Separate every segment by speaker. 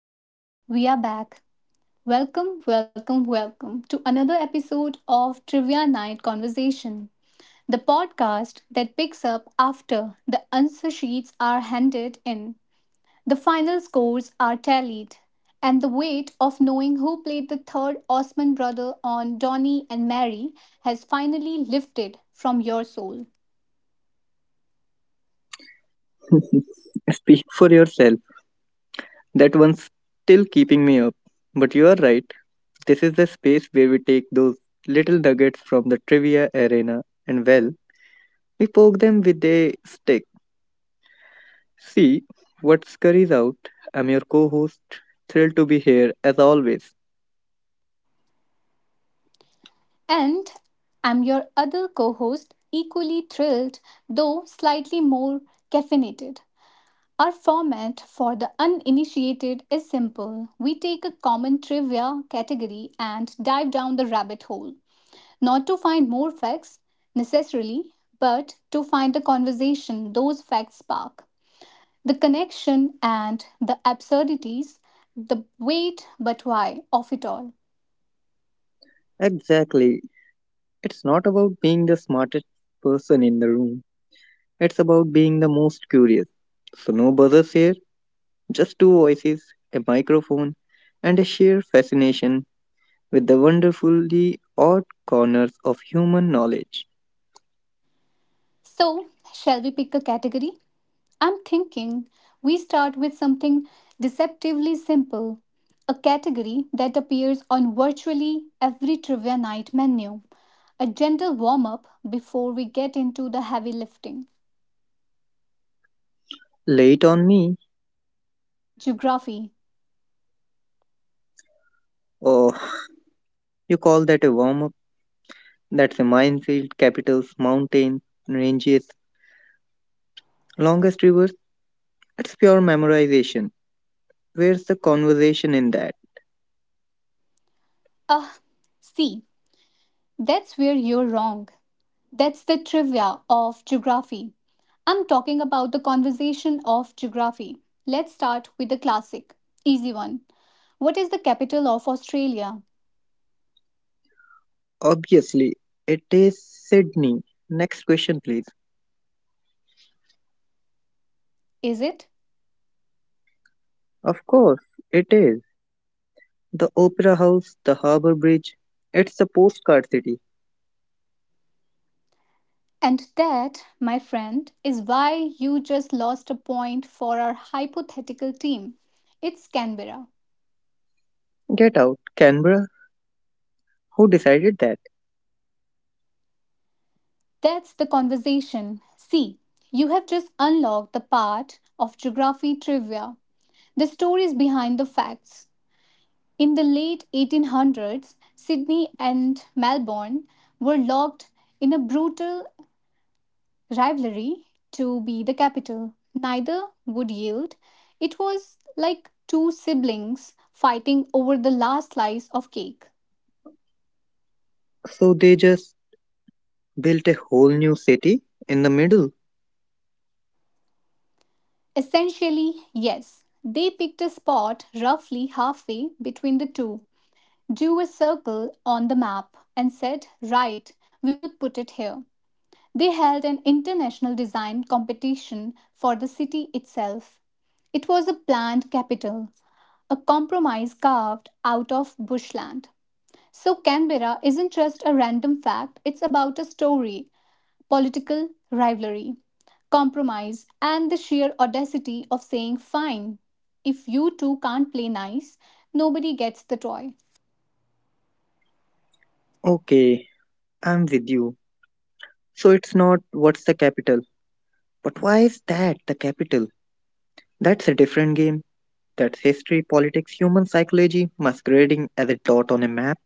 Speaker 1: And we are back. Welcome, welcome, welcome to another episode of Trivia Night Conversation, the podcast that picks up after the answer sheets are handed in, the final scores are tallied, and the weight of knowing who played the third Osman brother on Donnie and Mary has finally lifted from your soul.
Speaker 2: Speak for yourself. That one's still keeping me up. But you are right. This is the space where we take those little nuggets from the trivia arena and, well, we poke them with a stick. See what scurries out. I'm your co host. Thrilled to be here, as always.
Speaker 1: And I'm your other co host, equally thrilled, though slightly more caffeinated. Our format for the uninitiated is simple. We take a common trivia category and dive down the rabbit hole, not to find more facts necessarily, but to find the conversation those facts spark. The connection and the absurdities, the wait but why of it all.
Speaker 2: Exactly. It's not about being the smartest person in the room, it's about being the most curious. So, no buzzers here, just two voices, a microphone, and a sheer fascination with the wonderfully odd corners of human knowledge.
Speaker 1: So, shall we pick a category? I'm thinking we start with something deceptively simple, a category that appears on virtually every trivia night menu, a gentle warm up before we get into the heavy lifting.
Speaker 2: Late on me?
Speaker 1: Geography.
Speaker 2: Oh, you call that a warm up? That's a minefield, capitals, mountains, ranges, longest rivers. That's pure memorization. Where's the conversation in that?
Speaker 1: Ah, see, that's where you're wrong. That's the trivia of geography. I'm talking about the conversation of geography. Let's start with the classic, easy one. What is the capital of Australia?
Speaker 2: Obviously, it is Sydney. Next question, please.
Speaker 1: Is it?
Speaker 2: Of course, it is. The Opera House, the Harbour Bridge. It's the postcard city.
Speaker 1: And that, my friend, is why you just lost a point for our hypothetical team. It's Canberra.
Speaker 2: Get out, Canberra. Who decided that?
Speaker 1: That's the conversation. See, you have just unlocked the part of geography trivia, the stories behind the facts. In the late 1800s, Sydney and Melbourne were locked in a brutal rivalry to be the capital. Neither would yield. It was like two siblings fighting over the last slice of cake.
Speaker 2: So they just built a whole new city in the middle?
Speaker 1: Essentially, yes, they picked a spot roughly halfway between the two, drew a circle on the map, and said, right, we will put it here. They held an international design competition for the city itself. It was a planned capital, a compromise carved out of bushland. So, Canberra isn't just a random fact, it's about a story, political rivalry, compromise, and the sheer audacity of saying, fine, if you two can't play nice, nobody gets the toy.
Speaker 2: Okay, I'm with you. So it's not what's the capital. But why is that the capital? That's a different game. That's history, politics, human psychology masquerading as a dot on a map.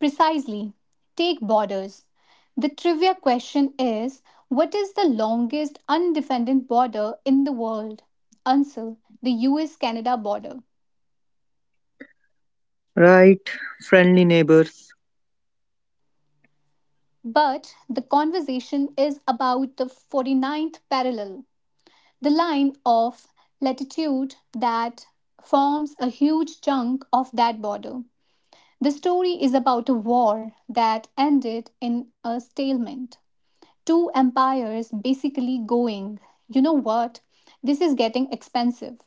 Speaker 1: Precisely. Take borders. The trivia question is, what is the longest undefended border in the world? Answer: the US Canada border.
Speaker 2: Right, friendly neighbors.
Speaker 1: But the conversation is about the 49th parallel. The line of latitude that forms a huge chunk of that border. The story is about a war that ended in a stalemate. Two empires basically going, you know what, this is getting expensive.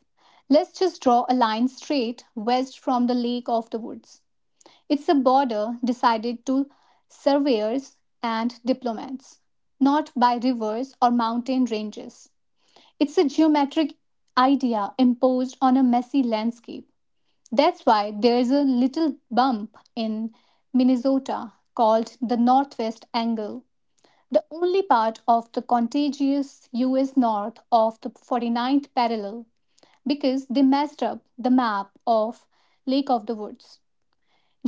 Speaker 1: Let's just draw a line straight west from the Lake of the Woods. It's a border decided to surveyors and diplomats, not by rivers or mountain ranges. It's a geometric idea imposed on a messy landscape. That's why there's a little bump in Minnesota called the Northwest Angle, the only part of the contiguous US north of the 49th parallel, because they messed up the map of Lake of the Woods.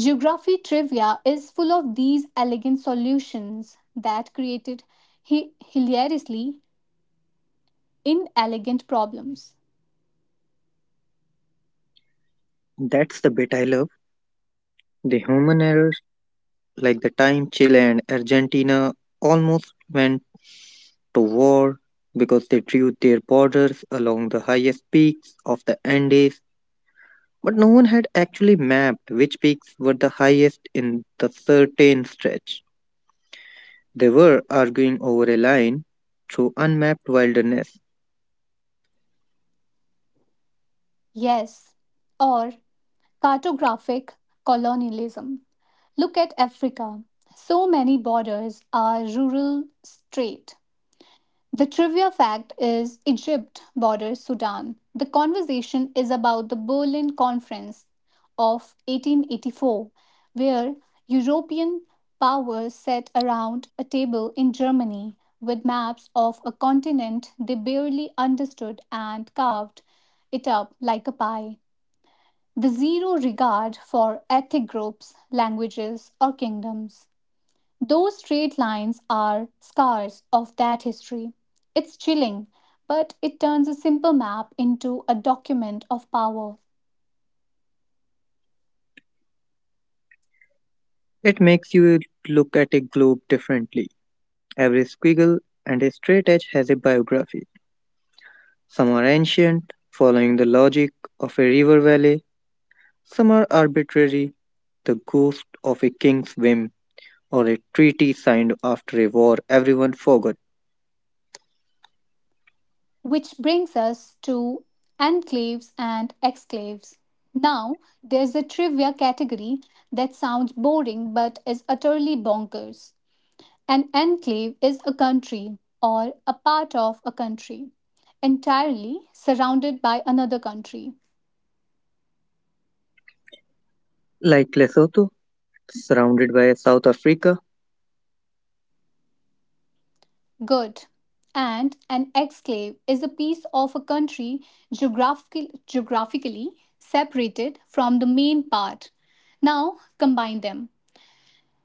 Speaker 1: Geography trivia is full of these elegant solutions that created hilariously inelegant problems.
Speaker 2: That's the bit I love. The human errors, like the time Chile and Argentina almost went to war because they drew their borders along the highest peaks of the Andes. But no one had actually mapped which peaks were the highest in the certain stretch. They were arguing over a line through unmapped wilderness.
Speaker 1: Yes, or cartographic colonialism. Look at Africa. So many borders are rural straight. The trivia fact is Egypt borders Sudan. The conversation is about the Berlin Conference of 1884, where European powers sat around a table in Germany with maps of a continent they barely understood and carved it up like a pie, the zero regard for ethnic groups, languages, or kingdoms. Those straight lines are scars of that history. It's chilling, but it turns a simple map into a document of power,
Speaker 2: It makes you look at a globe differently. Every squiggle and a straight edge has a biography. Some are ancient, following the logic of a river valley, some are arbitrary, the ghost of a king's whim or a treaty signed after a war everyone forgot.
Speaker 1: which brings us to enclaves and exclaves. Now, there's a trivia category that sounds boring but is utterly bonkers. An enclave is a country or a part of a country entirely surrounded by another country.
Speaker 2: Like Lesotho, surrounded by South Africa.
Speaker 1: Good. And an exclave is a piece of a country geographically separated from the main part. Now combine them.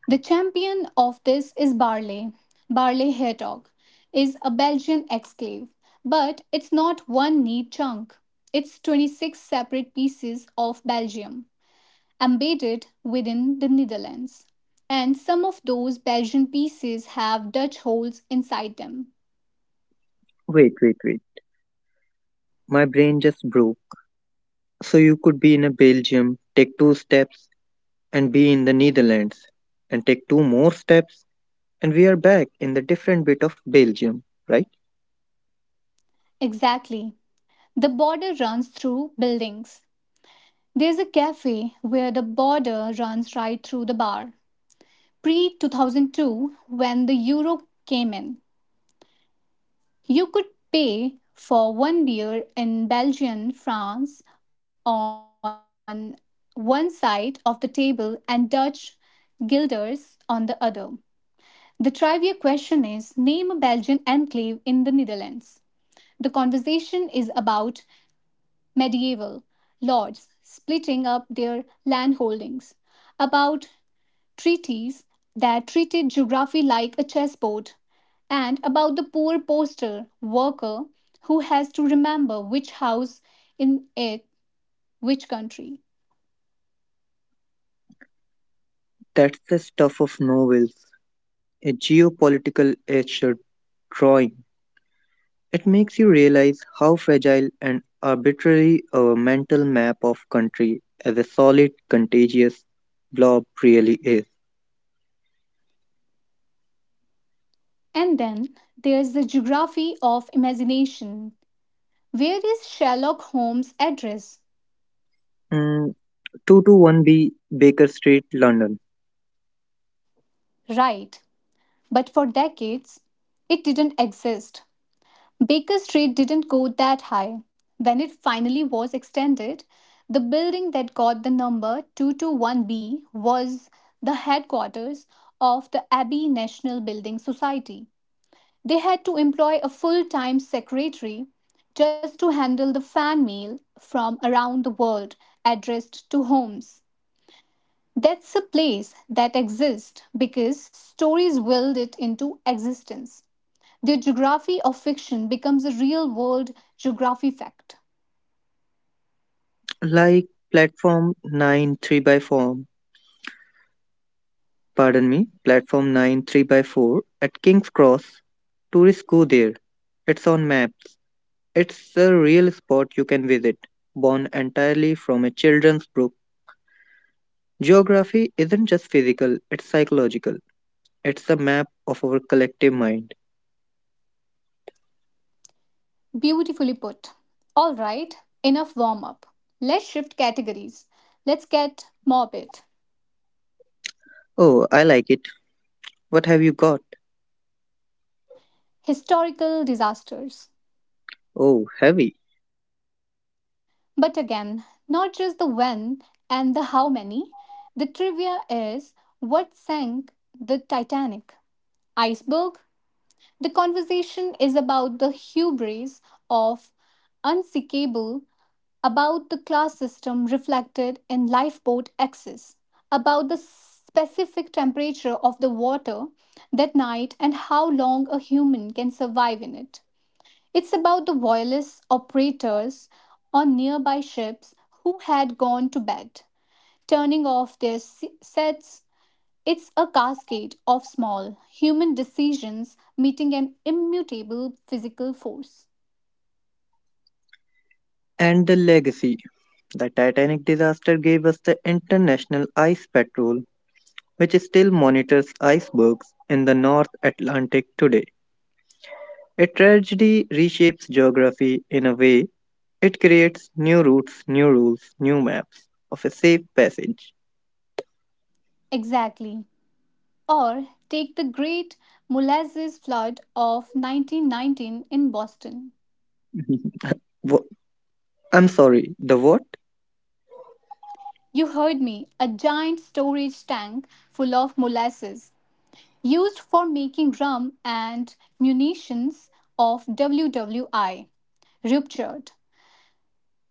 Speaker 1: The champion of this is Barley. Barley Hertog is a Belgian exclave, but it's not one neat chunk. It's 26 separate pieces of Belgium, embedded within the Netherlands, and some of those Belgian pieces have Dutch holes inside them.
Speaker 2: Wait, wait, wait. My brain just broke. So you could be in a Belgium, take two steps, and be in the Netherlands, and take two more steps, and we are back in the different bit of Belgium, right?
Speaker 1: Exactly. The border runs through buildings. There's a cafe where the border runs right through the bar. Pre 2002, when the euro came in, you could pay for one beer in Belgian francs on one side of the table and Dutch guilders on the other. The trivia question is, name a Belgian enclave in the Netherlands. The conversation is about medieval lords splitting up their landholdings, about treaties that treated geography like a chessboard, and about the poor postal worker who has to remember which house in it, which country.
Speaker 2: That's the stuff of novels, a geopolitical etcher drawing. It makes you realize how fragile and arbitrary a mental map of country as a solid, contagious blob really is.
Speaker 1: And then there's the geography of imagination. Where is Sherlock Holmes' address?
Speaker 2: Mm, 221B Baker Street, London.
Speaker 1: Right. But for decades, it didn't exist. Baker Street didn't go that high. When it finally was extended, the building that got the number 221B was the headquarters of the Abbey National Building Society. They had to employ a full time secretary just to handle the fan mail from around the world addressed to homes. That's a place that exists because stories willed it into existence. The geography of fiction becomes a real world geography fact.
Speaker 2: Like platform 9 3 by 4, pardon me, platform 9 3 by 4 at King's Cross. Tourists go there. It's on maps. It's a real spot you can visit, born entirely from a children's book. Geography isn't just physical, it's psychological. It's a map of our collective mind.
Speaker 1: Beautifully put. All right, enough warm up. Let's shift categories. Let's get morbid.
Speaker 2: Oh, I like it. What have you got?
Speaker 1: Historical disasters.
Speaker 2: Oh, heavy.
Speaker 1: But again, not just the when and the how many. The trivia is, what sank the Titanic? Iceberg. The conversation is about the hubris of unseekable, about the class system reflected in lifeboat access, about the specific temperature of the water that night and how long a human can survive in it. It's about the wireless operators on nearby ships who had gone to bed, turning off their sets. It's a cascade of small human decisions meeting an immutable physical force.
Speaker 2: And the legacy. The Titanic disaster gave us the International Ice Patrol, which still monitors icebergs in the North Atlantic today. A tragedy reshapes geography in a way it creates new routes, new rules, new maps of a safe passage.
Speaker 1: Exactly. Or take the great molasses flood of 1919 in Boston.
Speaker 2: Wha- I'm sorry, the what?
Speaker 1: You heard me, a giant storage tank full of molasses used for making rum and munitions of WWI ruptured.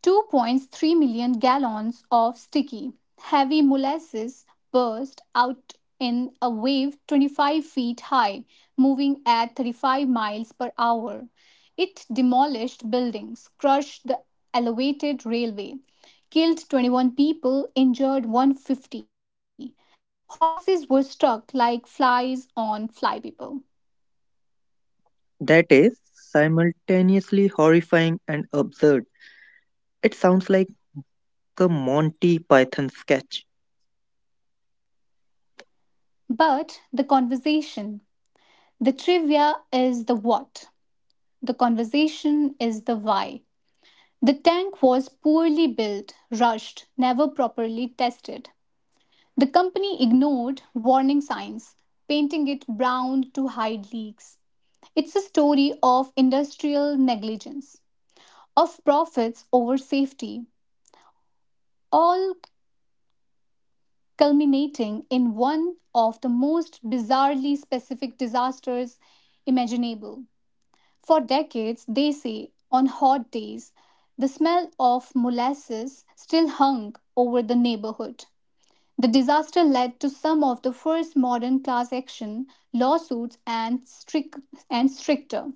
Speaker 1: 2.3 million gallons of sticky, heavy molasses burst out in a wave 25 feet high, moving at 35 miles per hour. It demolished buildings, crushed the elevated railway, killed 21 people, injured 150. Horses were struck like flies on flypaper.
Speaker 2: That is simultaneously horrifying and absurd. It sounds like a Monty Python sketch.
Speaker 1: But the conversation, the trivia is the what, the conversation is the why. The tank was poorly built, rushed, never properly tested. The company ignored warning signs, painting it brown to hide leaks. It's a story of industrial negligence, of profits over safety, all culminating in one of the most bizarrely specific disasters imaginable. For decades, they say, on hot days, the smell of molasses still hung over the neighborhood. The disaster led to some of the first modern class action lawsuits and, and stricter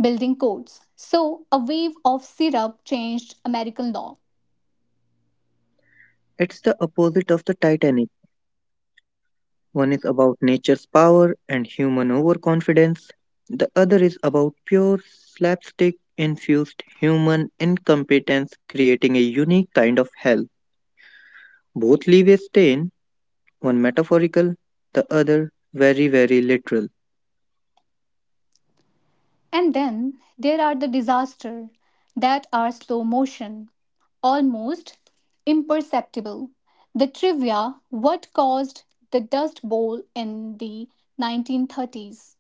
Speaker 1: building codes. So, a wave of syrup changed American law.
Speaker 2: It's the opposite of the Titanic. One is about nature's power and human overconfidence. The other is about pure slapstick infused human incompetence creating a unique kind of hell. Both leave a stain, one metaphorical, the other very, very literal.
Speaker 1: And then there are the disasters that are slow motion, almost imperceptible. The trivia, what caused the Dust Bowl in the 1930s?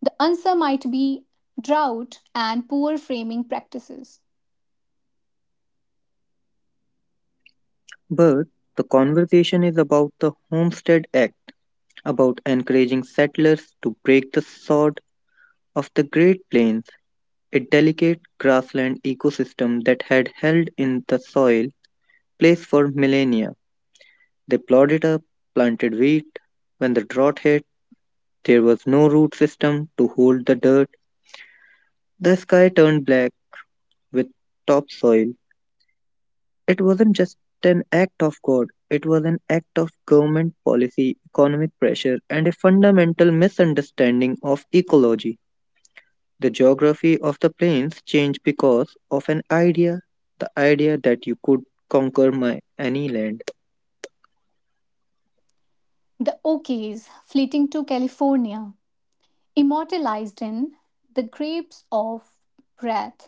Speaker 1: The answer might be drought and poor framing practices.
Speaker 2: But the conversation is about the Homestead Act, about encouraging settlers to break the sod of the Great Plains, a delicate grassland ecosystem that had held in the soil place for millennia. They plowed it up, planted wheat. When the drought hit, there was no root system to hold the dirt. The sky turned black with topsoil. It wasn't just an act of God, it was an act of government policy, economic pressure, and a fundamental misunderstanding of ecology. The geography of the plains changed because of an idea, the idea that you could conquer any land.
Speaker 1: The Okies fleeting to California, immortalized in The Grapes of Wrath.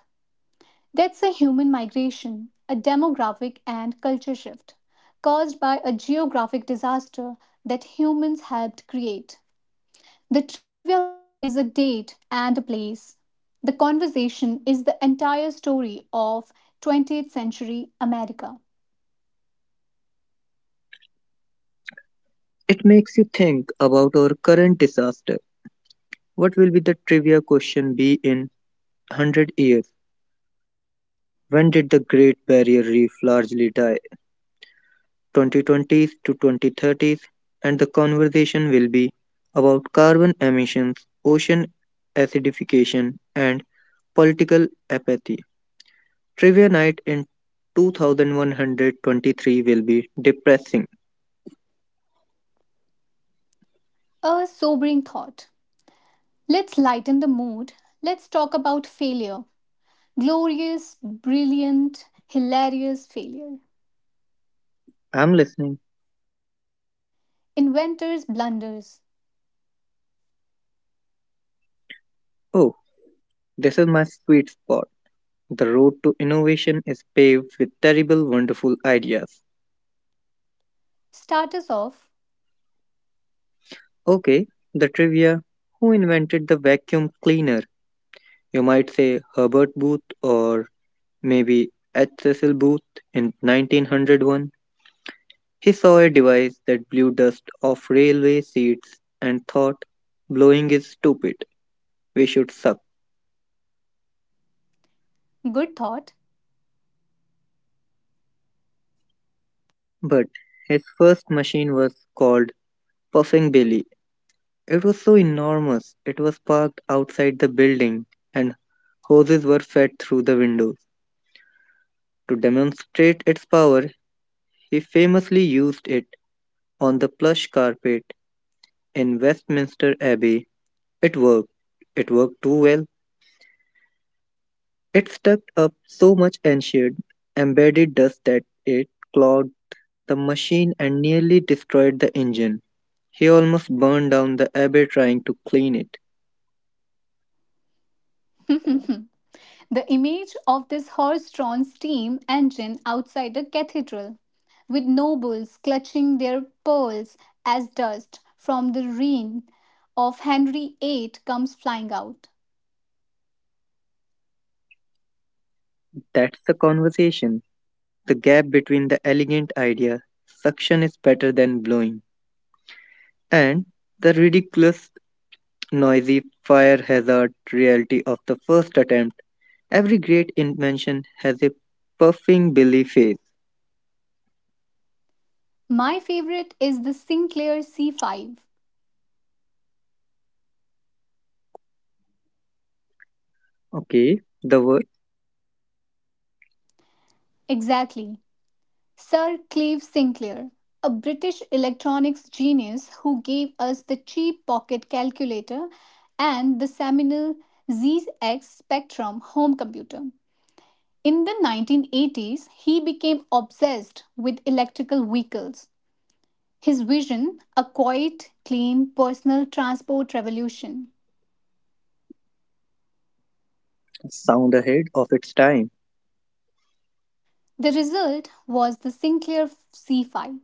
Speaker 1: That's a human migration, a demographic and culture shift caused by a geographic disaster that humans helped create. The trivia fact is a date and a place. The conversation is the entire story of 20th century America.
Speaker 2: It makes you think about our current disaster. What will be the trivia question be in 100 years? When did the Great Barrier Reef largely die? 2020s to 2030s, and the conversation will be about carbon emissions, ocean acidification, and political apathy. Trivia night in 2123 will be depressing.
Speaker 1: A sobering thought. Let's lighten the mood. Let's talk about failure. Glorious, brilliant, hilarious failure.
Speaker 2: I'm listening.
Speaker 1: Inventor's blunders.
Speaker 2: Oh, this is my sweet spot. The road to innovation is paved with terrible, wonderful ideas.
Speaker 1: Start us off.
Speaker 2: Okay, the trivia. Who invented the vacuum cleaner? You might say Herbert Booth or maybe H. Cecil Booth in 1901. He saw a device that blew dust off railway seats and thought, blowing is stupid. We should suck.
Speaker 1: Good thought.
Speaker 2: But his first machine was called Puffing Billy. It was so enormous, it was parked outside the building, and hoses were fed through the windows. To demonstrate its power, he famously used it on the plush carpet in Westminster Abbey. It worked. It worked too well. It sucked up so much ancient, embedded dust that it clogged the machine and nearly destroyed the engine. He almost burned down the abbey trying to clean it.
Speaker 1: The image of this horse drawn steam engine outside a cathedral, with nobles clutching their pearls as dust from the reign of Henry VIII comes flying out.
Speaker 2: That's the conversation. The gap between the elegant idea, suction is better than blowing, and the ridiculous, noisy, fire hazard reality of the first attempt. Every great invention has a puffing belly phase.
Speaker 1: My favorite is the Sinclair C5.
Speaker 2: Okay, the word
Speaker 1: Exactly. Sir Clive Sinclair, a British electronics genius who gave us the cheap pocket calculator and the seminal ZX Spectrum home computer. In the 1980s, he became obsessed with electrical vehicles. His vision, a quiet, clean, personal transport revolution.
Speaker 2: sound ahead of its time.
Speaker 1: The result was the Sinclair C5,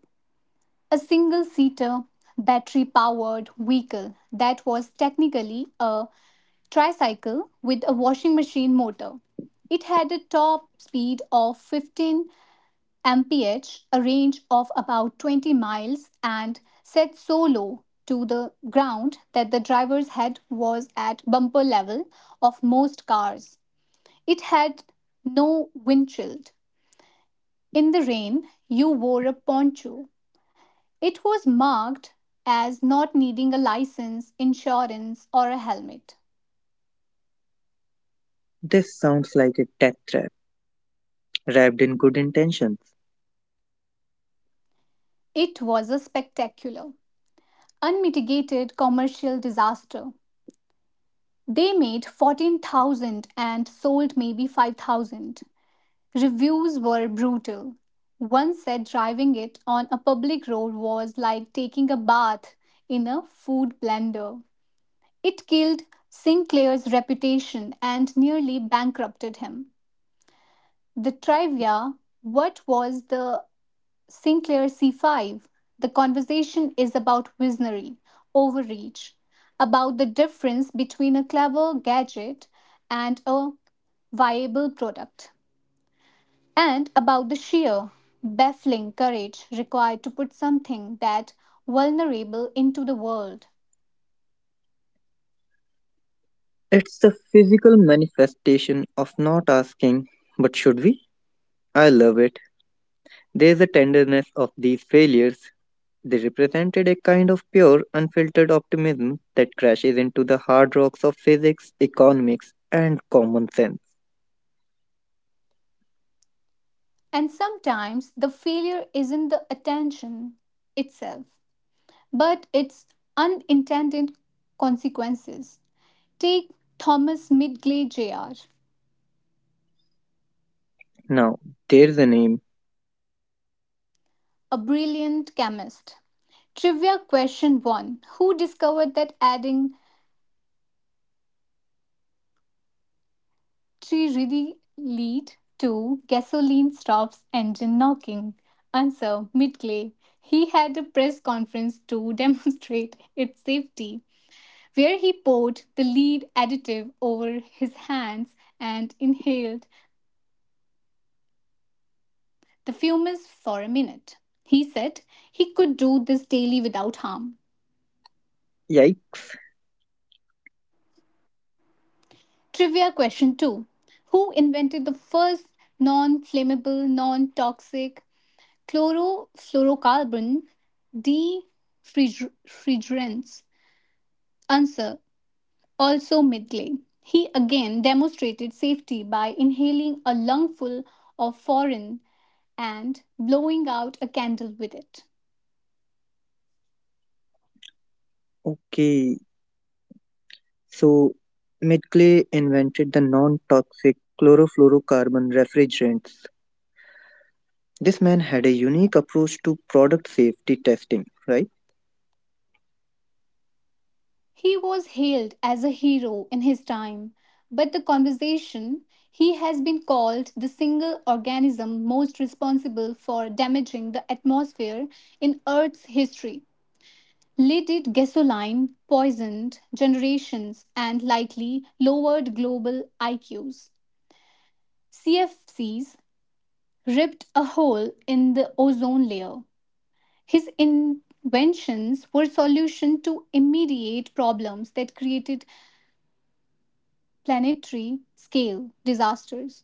Speaker 1: a single seater, battery powered vehicle that was technically a tricycle with a washing machine motor. It had a top speed of 15 mph, a range of about 20 miles, and set so low to the ground that the driver's head was at bumper level of most cars. It had no windshield. In the rain, you wore a poncho. It was marked as not needing a license, insurance, or a helmet.
Speaker 2: This sounds like a death trap wrapped in good intentions.
Speaker 1: It was a spectacular, unmitigated commercial disaster. They made 14,000 and sold maybe 5,000. Reviews were brutal. One said driving it on a public road was like taking a bath in a food blender. It killed Sinclair's reputation and nearly bankrupted him. The trivia, what was the Sinclair C5, the conversation is about visionary overreach, about the difference between a clever gadget and a viable product, and about the sheer, baffling courage required to put something that vulnerable into the world.
Speaker 2: It's the physical manifestation of not asking, but should we? I love it. There's a tenderness of these failures. They represented a kind of pure, unfiltered optimism that crashes into the hard rocks of physics, economics, and common sense.
Speaker 1: And sometimes the failure isn't the attention itself, but its unintended consequences. Take Thomas Midgley Jr.,
Speaker 2: Now, there's a name.
Speaker 1: a brilliant chemist. Trivia question 1: who discovered that adding triridine lead to gasoline stops engine knocking? Answer: Midgley. He had a press conference to demonstrate its safety, where he poured the lead additive over his hands and inhaled the fumes for a minute. He said he could do this daily without harm.
Speaker 2: Yikes.
Speaker 1: Trivia question two: who invented the first non flammable, non toxic chlorofluorocarbon defrigerants? Answer: also Midgley. He again demonstrated safety by inhaling a lungful of foreign and blowing out a candle with it.
Speaker 2: Okay, so Midgley invented the non toxic chlorofluorocarbon refrigerants. This man had a unique approach to product safety testing, right?
Speaker 1: He was hailed as a hero in his time, but the conversation, he has been called the single organism most responsible for damaging the atmosphere in Earth's history. Leaded gasoline poisoned generations and likely lowered global IQs. CFCs ripped a hole in the ozone layer. His inventions were solution to immediate problems that created planetary scale disasters.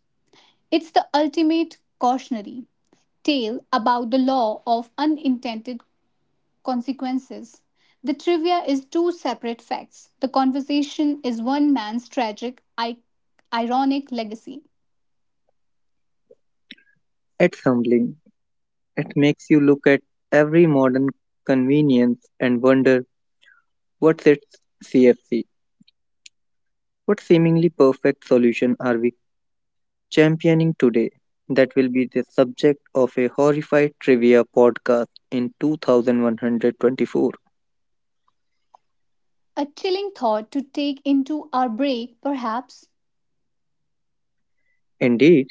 Speaker 1: It's the ultimate cautionary tale about the law of unintended consequences. The trivia is two separate facts. The conversation is one man's tragic, ironic legacy.
Speaker 2: It's humbling. It makes you look at every modern convenience and wonder what's its CFC? What seemingly perfect solution are we championing today? That will be the subject of a horrified trivia podcast in 2124.
Speaker 1: A chilling thought to take into our break, perhaps.
Speaker 2: Indeed,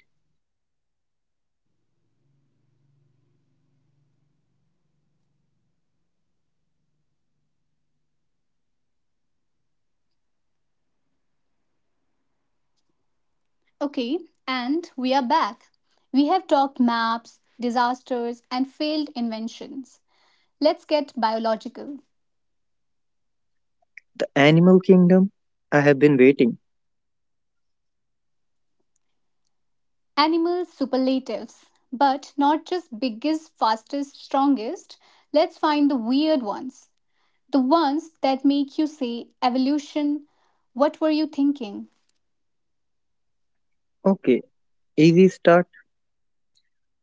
Speaker 1: Okay, and we are back. We have talked maps, disasters, and failed inventions. Let's get biological.
Speaker 2: the animal kingdom? I have been waiting.
Speaker 1: Animal superlatives, but not just biggest, fastest, strongest. Let's find the weird ones. The ones that make you say, evolution, what were you thinking?
Speaker 2: Okay, easy start.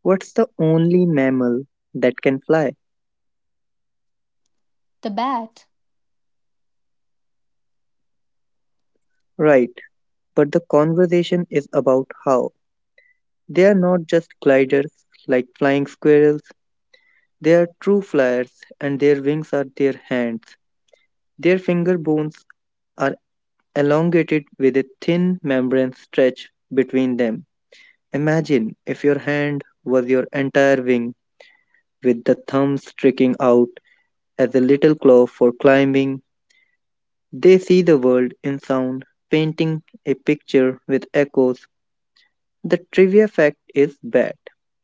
Speaker 2: What's the only mammal that can fly?
Speaker 1: The bat.
Speaker 2: Right, but the conversation is about how. They are not just gliders like flying squirrels. They are true flyers and their wings are their hands. Their finger bones are elongated with a thin membrane stretched between them. Imagine if your hand was your entire wing with the thumb sticking out as a little claw for climbing. They see the world in sound, painting a picture with echoes. The trivia fact is bad.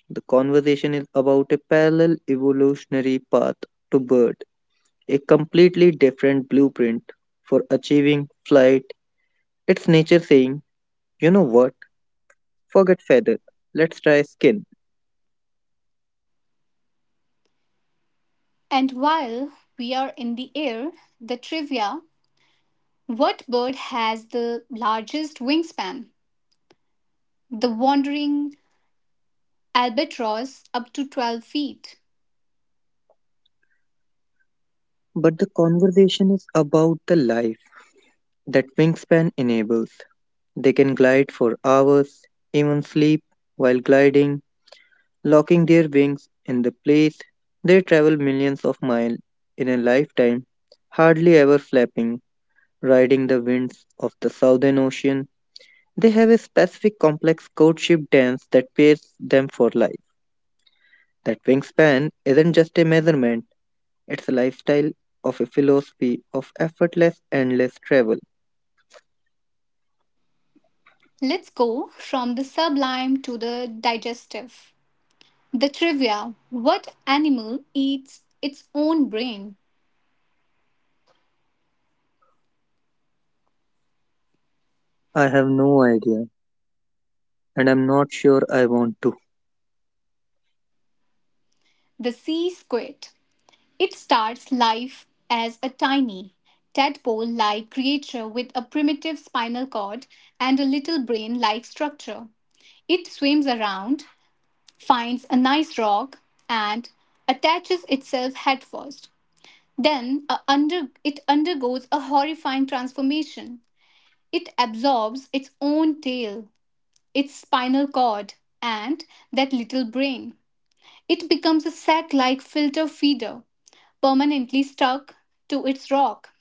Speaker 2: The conversation is about a parallel evolutionary path to birds, a completely different blueprint for achieving flight. It's nature saying, you know what, forget feather, let's try skin.
Speaker 1: And while we are in the air, the trivia: what bird has the largest wingspan? The wandering albatross, up to 12 feet.
Speaker 2: But the conversation is about the life that wingspan enables. They can glide for hours, even sleep while gliding, locking their wings in the place. They travel millions of miles in a lifetime, hardly ever flapping, riding the winds of the Southern Ocean. They have a specific complex courtship dance that pairs them for life. That wingspan isn't just a measurement, it's a lifestyle of a philosophy of effortless, endless travel.
Speaker 1: Let's go from the sublime to the digestive. The trivia: what animal eats its own brain?
Speaker 2: I have no idea, and I'm not sure I want to.
Speaker 1: The sea squid. It starts life as a tiny, tadpole like creature with a primitive spinal cord and a little brain like structure. It swims around, finds a nice rock, and attaches itself headfirst. It undergoes a horrifying transformation. It absorbs its own tail, its spinal cord, and that little brain. It becomes a sack like filter feeder, permanently stuck to its rock.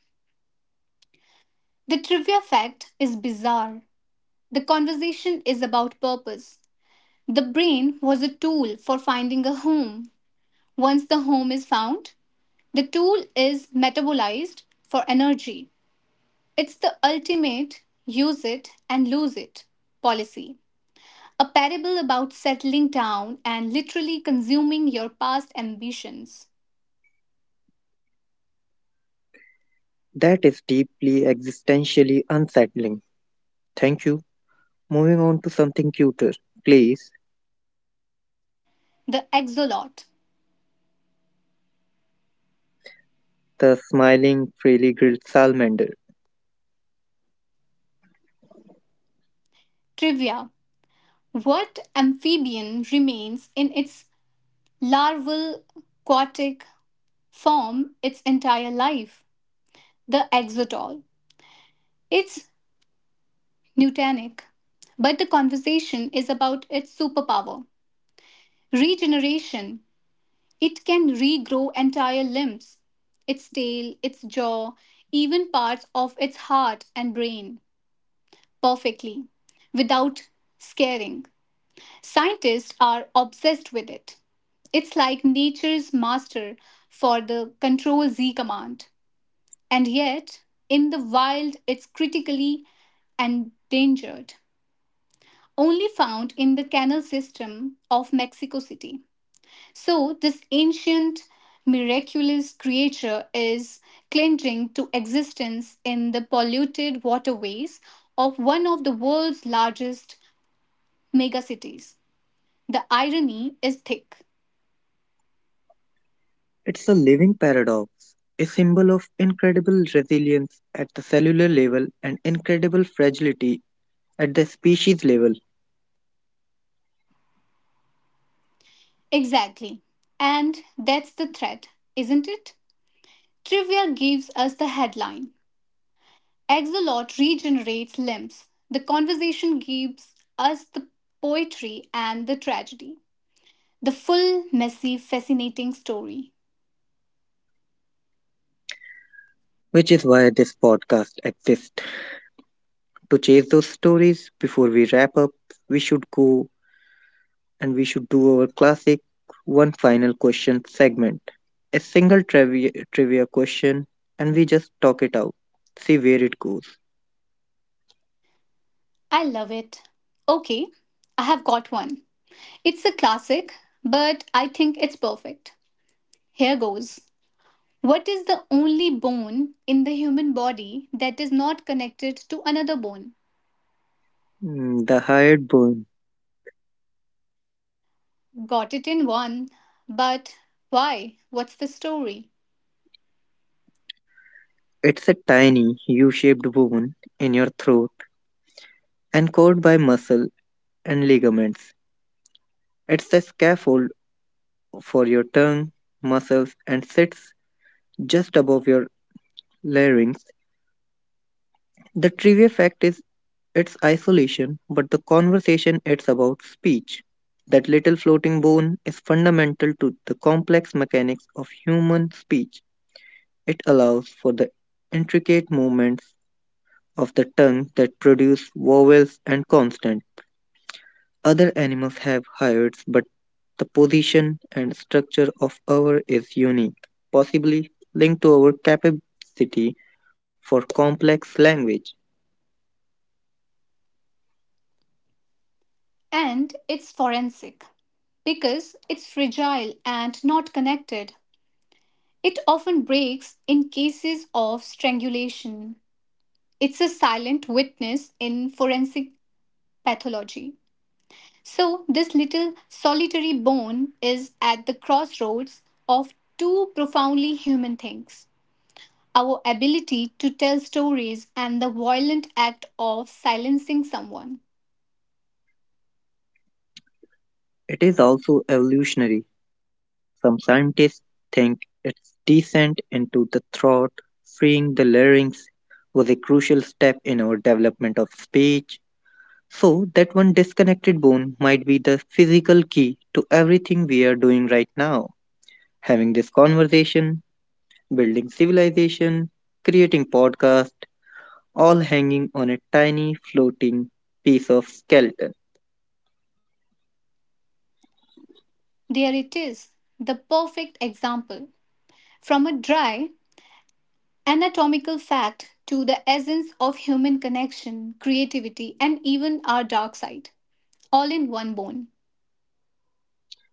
Speaker 1: The trivia fact is bizarre. The conversation is about purpose. The brain was a tool for finding a home. Once the home is found, the tool is metabolized for energy. It's the ultimate use it and lose it policy. A parable about settling down and literally consuming your past ambitions.
Speaker 2: That is deeply existentially unsettling. Thank you. Moving on to something cuter, please.
Speaker 1: The Exolot.
Speaker 2: The smiling, freely grilled salamander.
Speaker 1: Trivia: what amphibian remains in its larval aquatic form its entire life? The exotol. It's Newtonic, but the conversation is about its superpower. Regeneration. It can regrow entire limbs, its tail, its jaw, even parts of its heart and brain, perfectly, without scaring. Scientists are obsessed with it. It's like nature's master for the control Z command. And yet, in the wild, it's critically endangered, only found in the canal system of Mexico City. So, this ancient, miraculous creature is clinging to existence in the polluted waterways of one of the world's largest megacities. The irony is thick.
Speaker 2: It's a living paradox, a symbol of incredible resilience at the cellular level and incredible fragility at the species level,
Speaker 1: Exactly. And that's the threat, isn't it? Trivia gives us the headline: Axolot regenerates limbs. The conversation gives us the poetry and the tragedy. The full, messy, fascinating story.
Speaker 2: which is why this podcast exists. To chase those stories, before we wrap up, we should go and we should do our classic one final question segment. A single trivia question, and we just talk it out, see where it goes.
Speaker 1: I love it. Okay, I have got one. It's a classic, but I think it's perfect. Here goes. What is the only bone in the human body that is not connected to another bone?
Speaker 2: Mm, the hired bone.
Speaker 1: Got it in one, but why? What's the story?
Speaker 2: It's a tiny, U shaped bone in your throat anchored by muscle and ligaments. It's a scaffold for your tongue, muscles, and sits just above your larynx. The trivia fact is its isolation, but the conversation it's about speech. That little floating bone is fundamental to the complex mechanics of human speech. It allows for the intricate movements of the tongue that produce vowels and consonants. Other animals have hooves, but the position and structure of ours is unique, possibly linked to our capacity for complex language.
Speaker 1: And it's forensic because it's fragile and not connected. It often breaks in cases of strangulation. It's a silent witness in forensic pathology. So, this little solitary bone is at the crossroads of two profoundly human things: our ability to tell stories, and the violent act of silencing someone.
Speaker 2: It is also evolutionary. Some scientists think its descent into the throat, freeing the larynx, was a crucial step in our development of speech. So, that one disconnected bone might be the physical key to everything we are doing right now. Having this conversation building civilization, creating podcast, all hanging on a tiny floating piece of skeleton.
Speaker 1: There it is, the perfect example. From a dry anatomical fact to the essence of human connection, creativity, and even our dark side, all in one bone.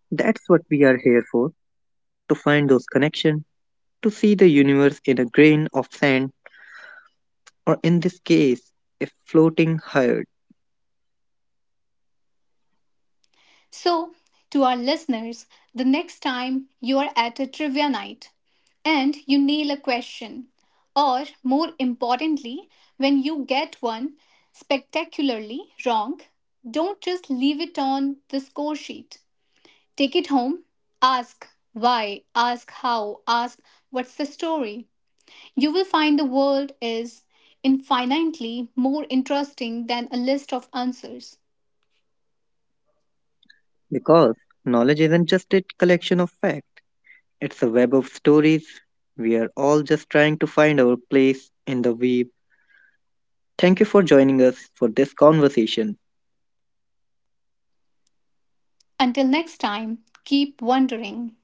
Speaker 2: That's what we are here for, to find those connections, to see the universe in a grain of sand, or in this case, a floating herd.
Speaker 1: So, to our listeners, the next time you are at a trivia night and you nail a question, or more importantly, when you get one spectacularly wrong, don't just leave it on the score sheet. Take it home, ask why, ask how, ask what's the story. You will find the world is infinitely more interesting than a list of answers.
Speaker 2: Because knowledge isn't just a collection of facts, it's a web of stories. We are all just trying to find our place in the weave. Thank you for joining us for this conversation.
Speaker 1: Until next time, keep wondering.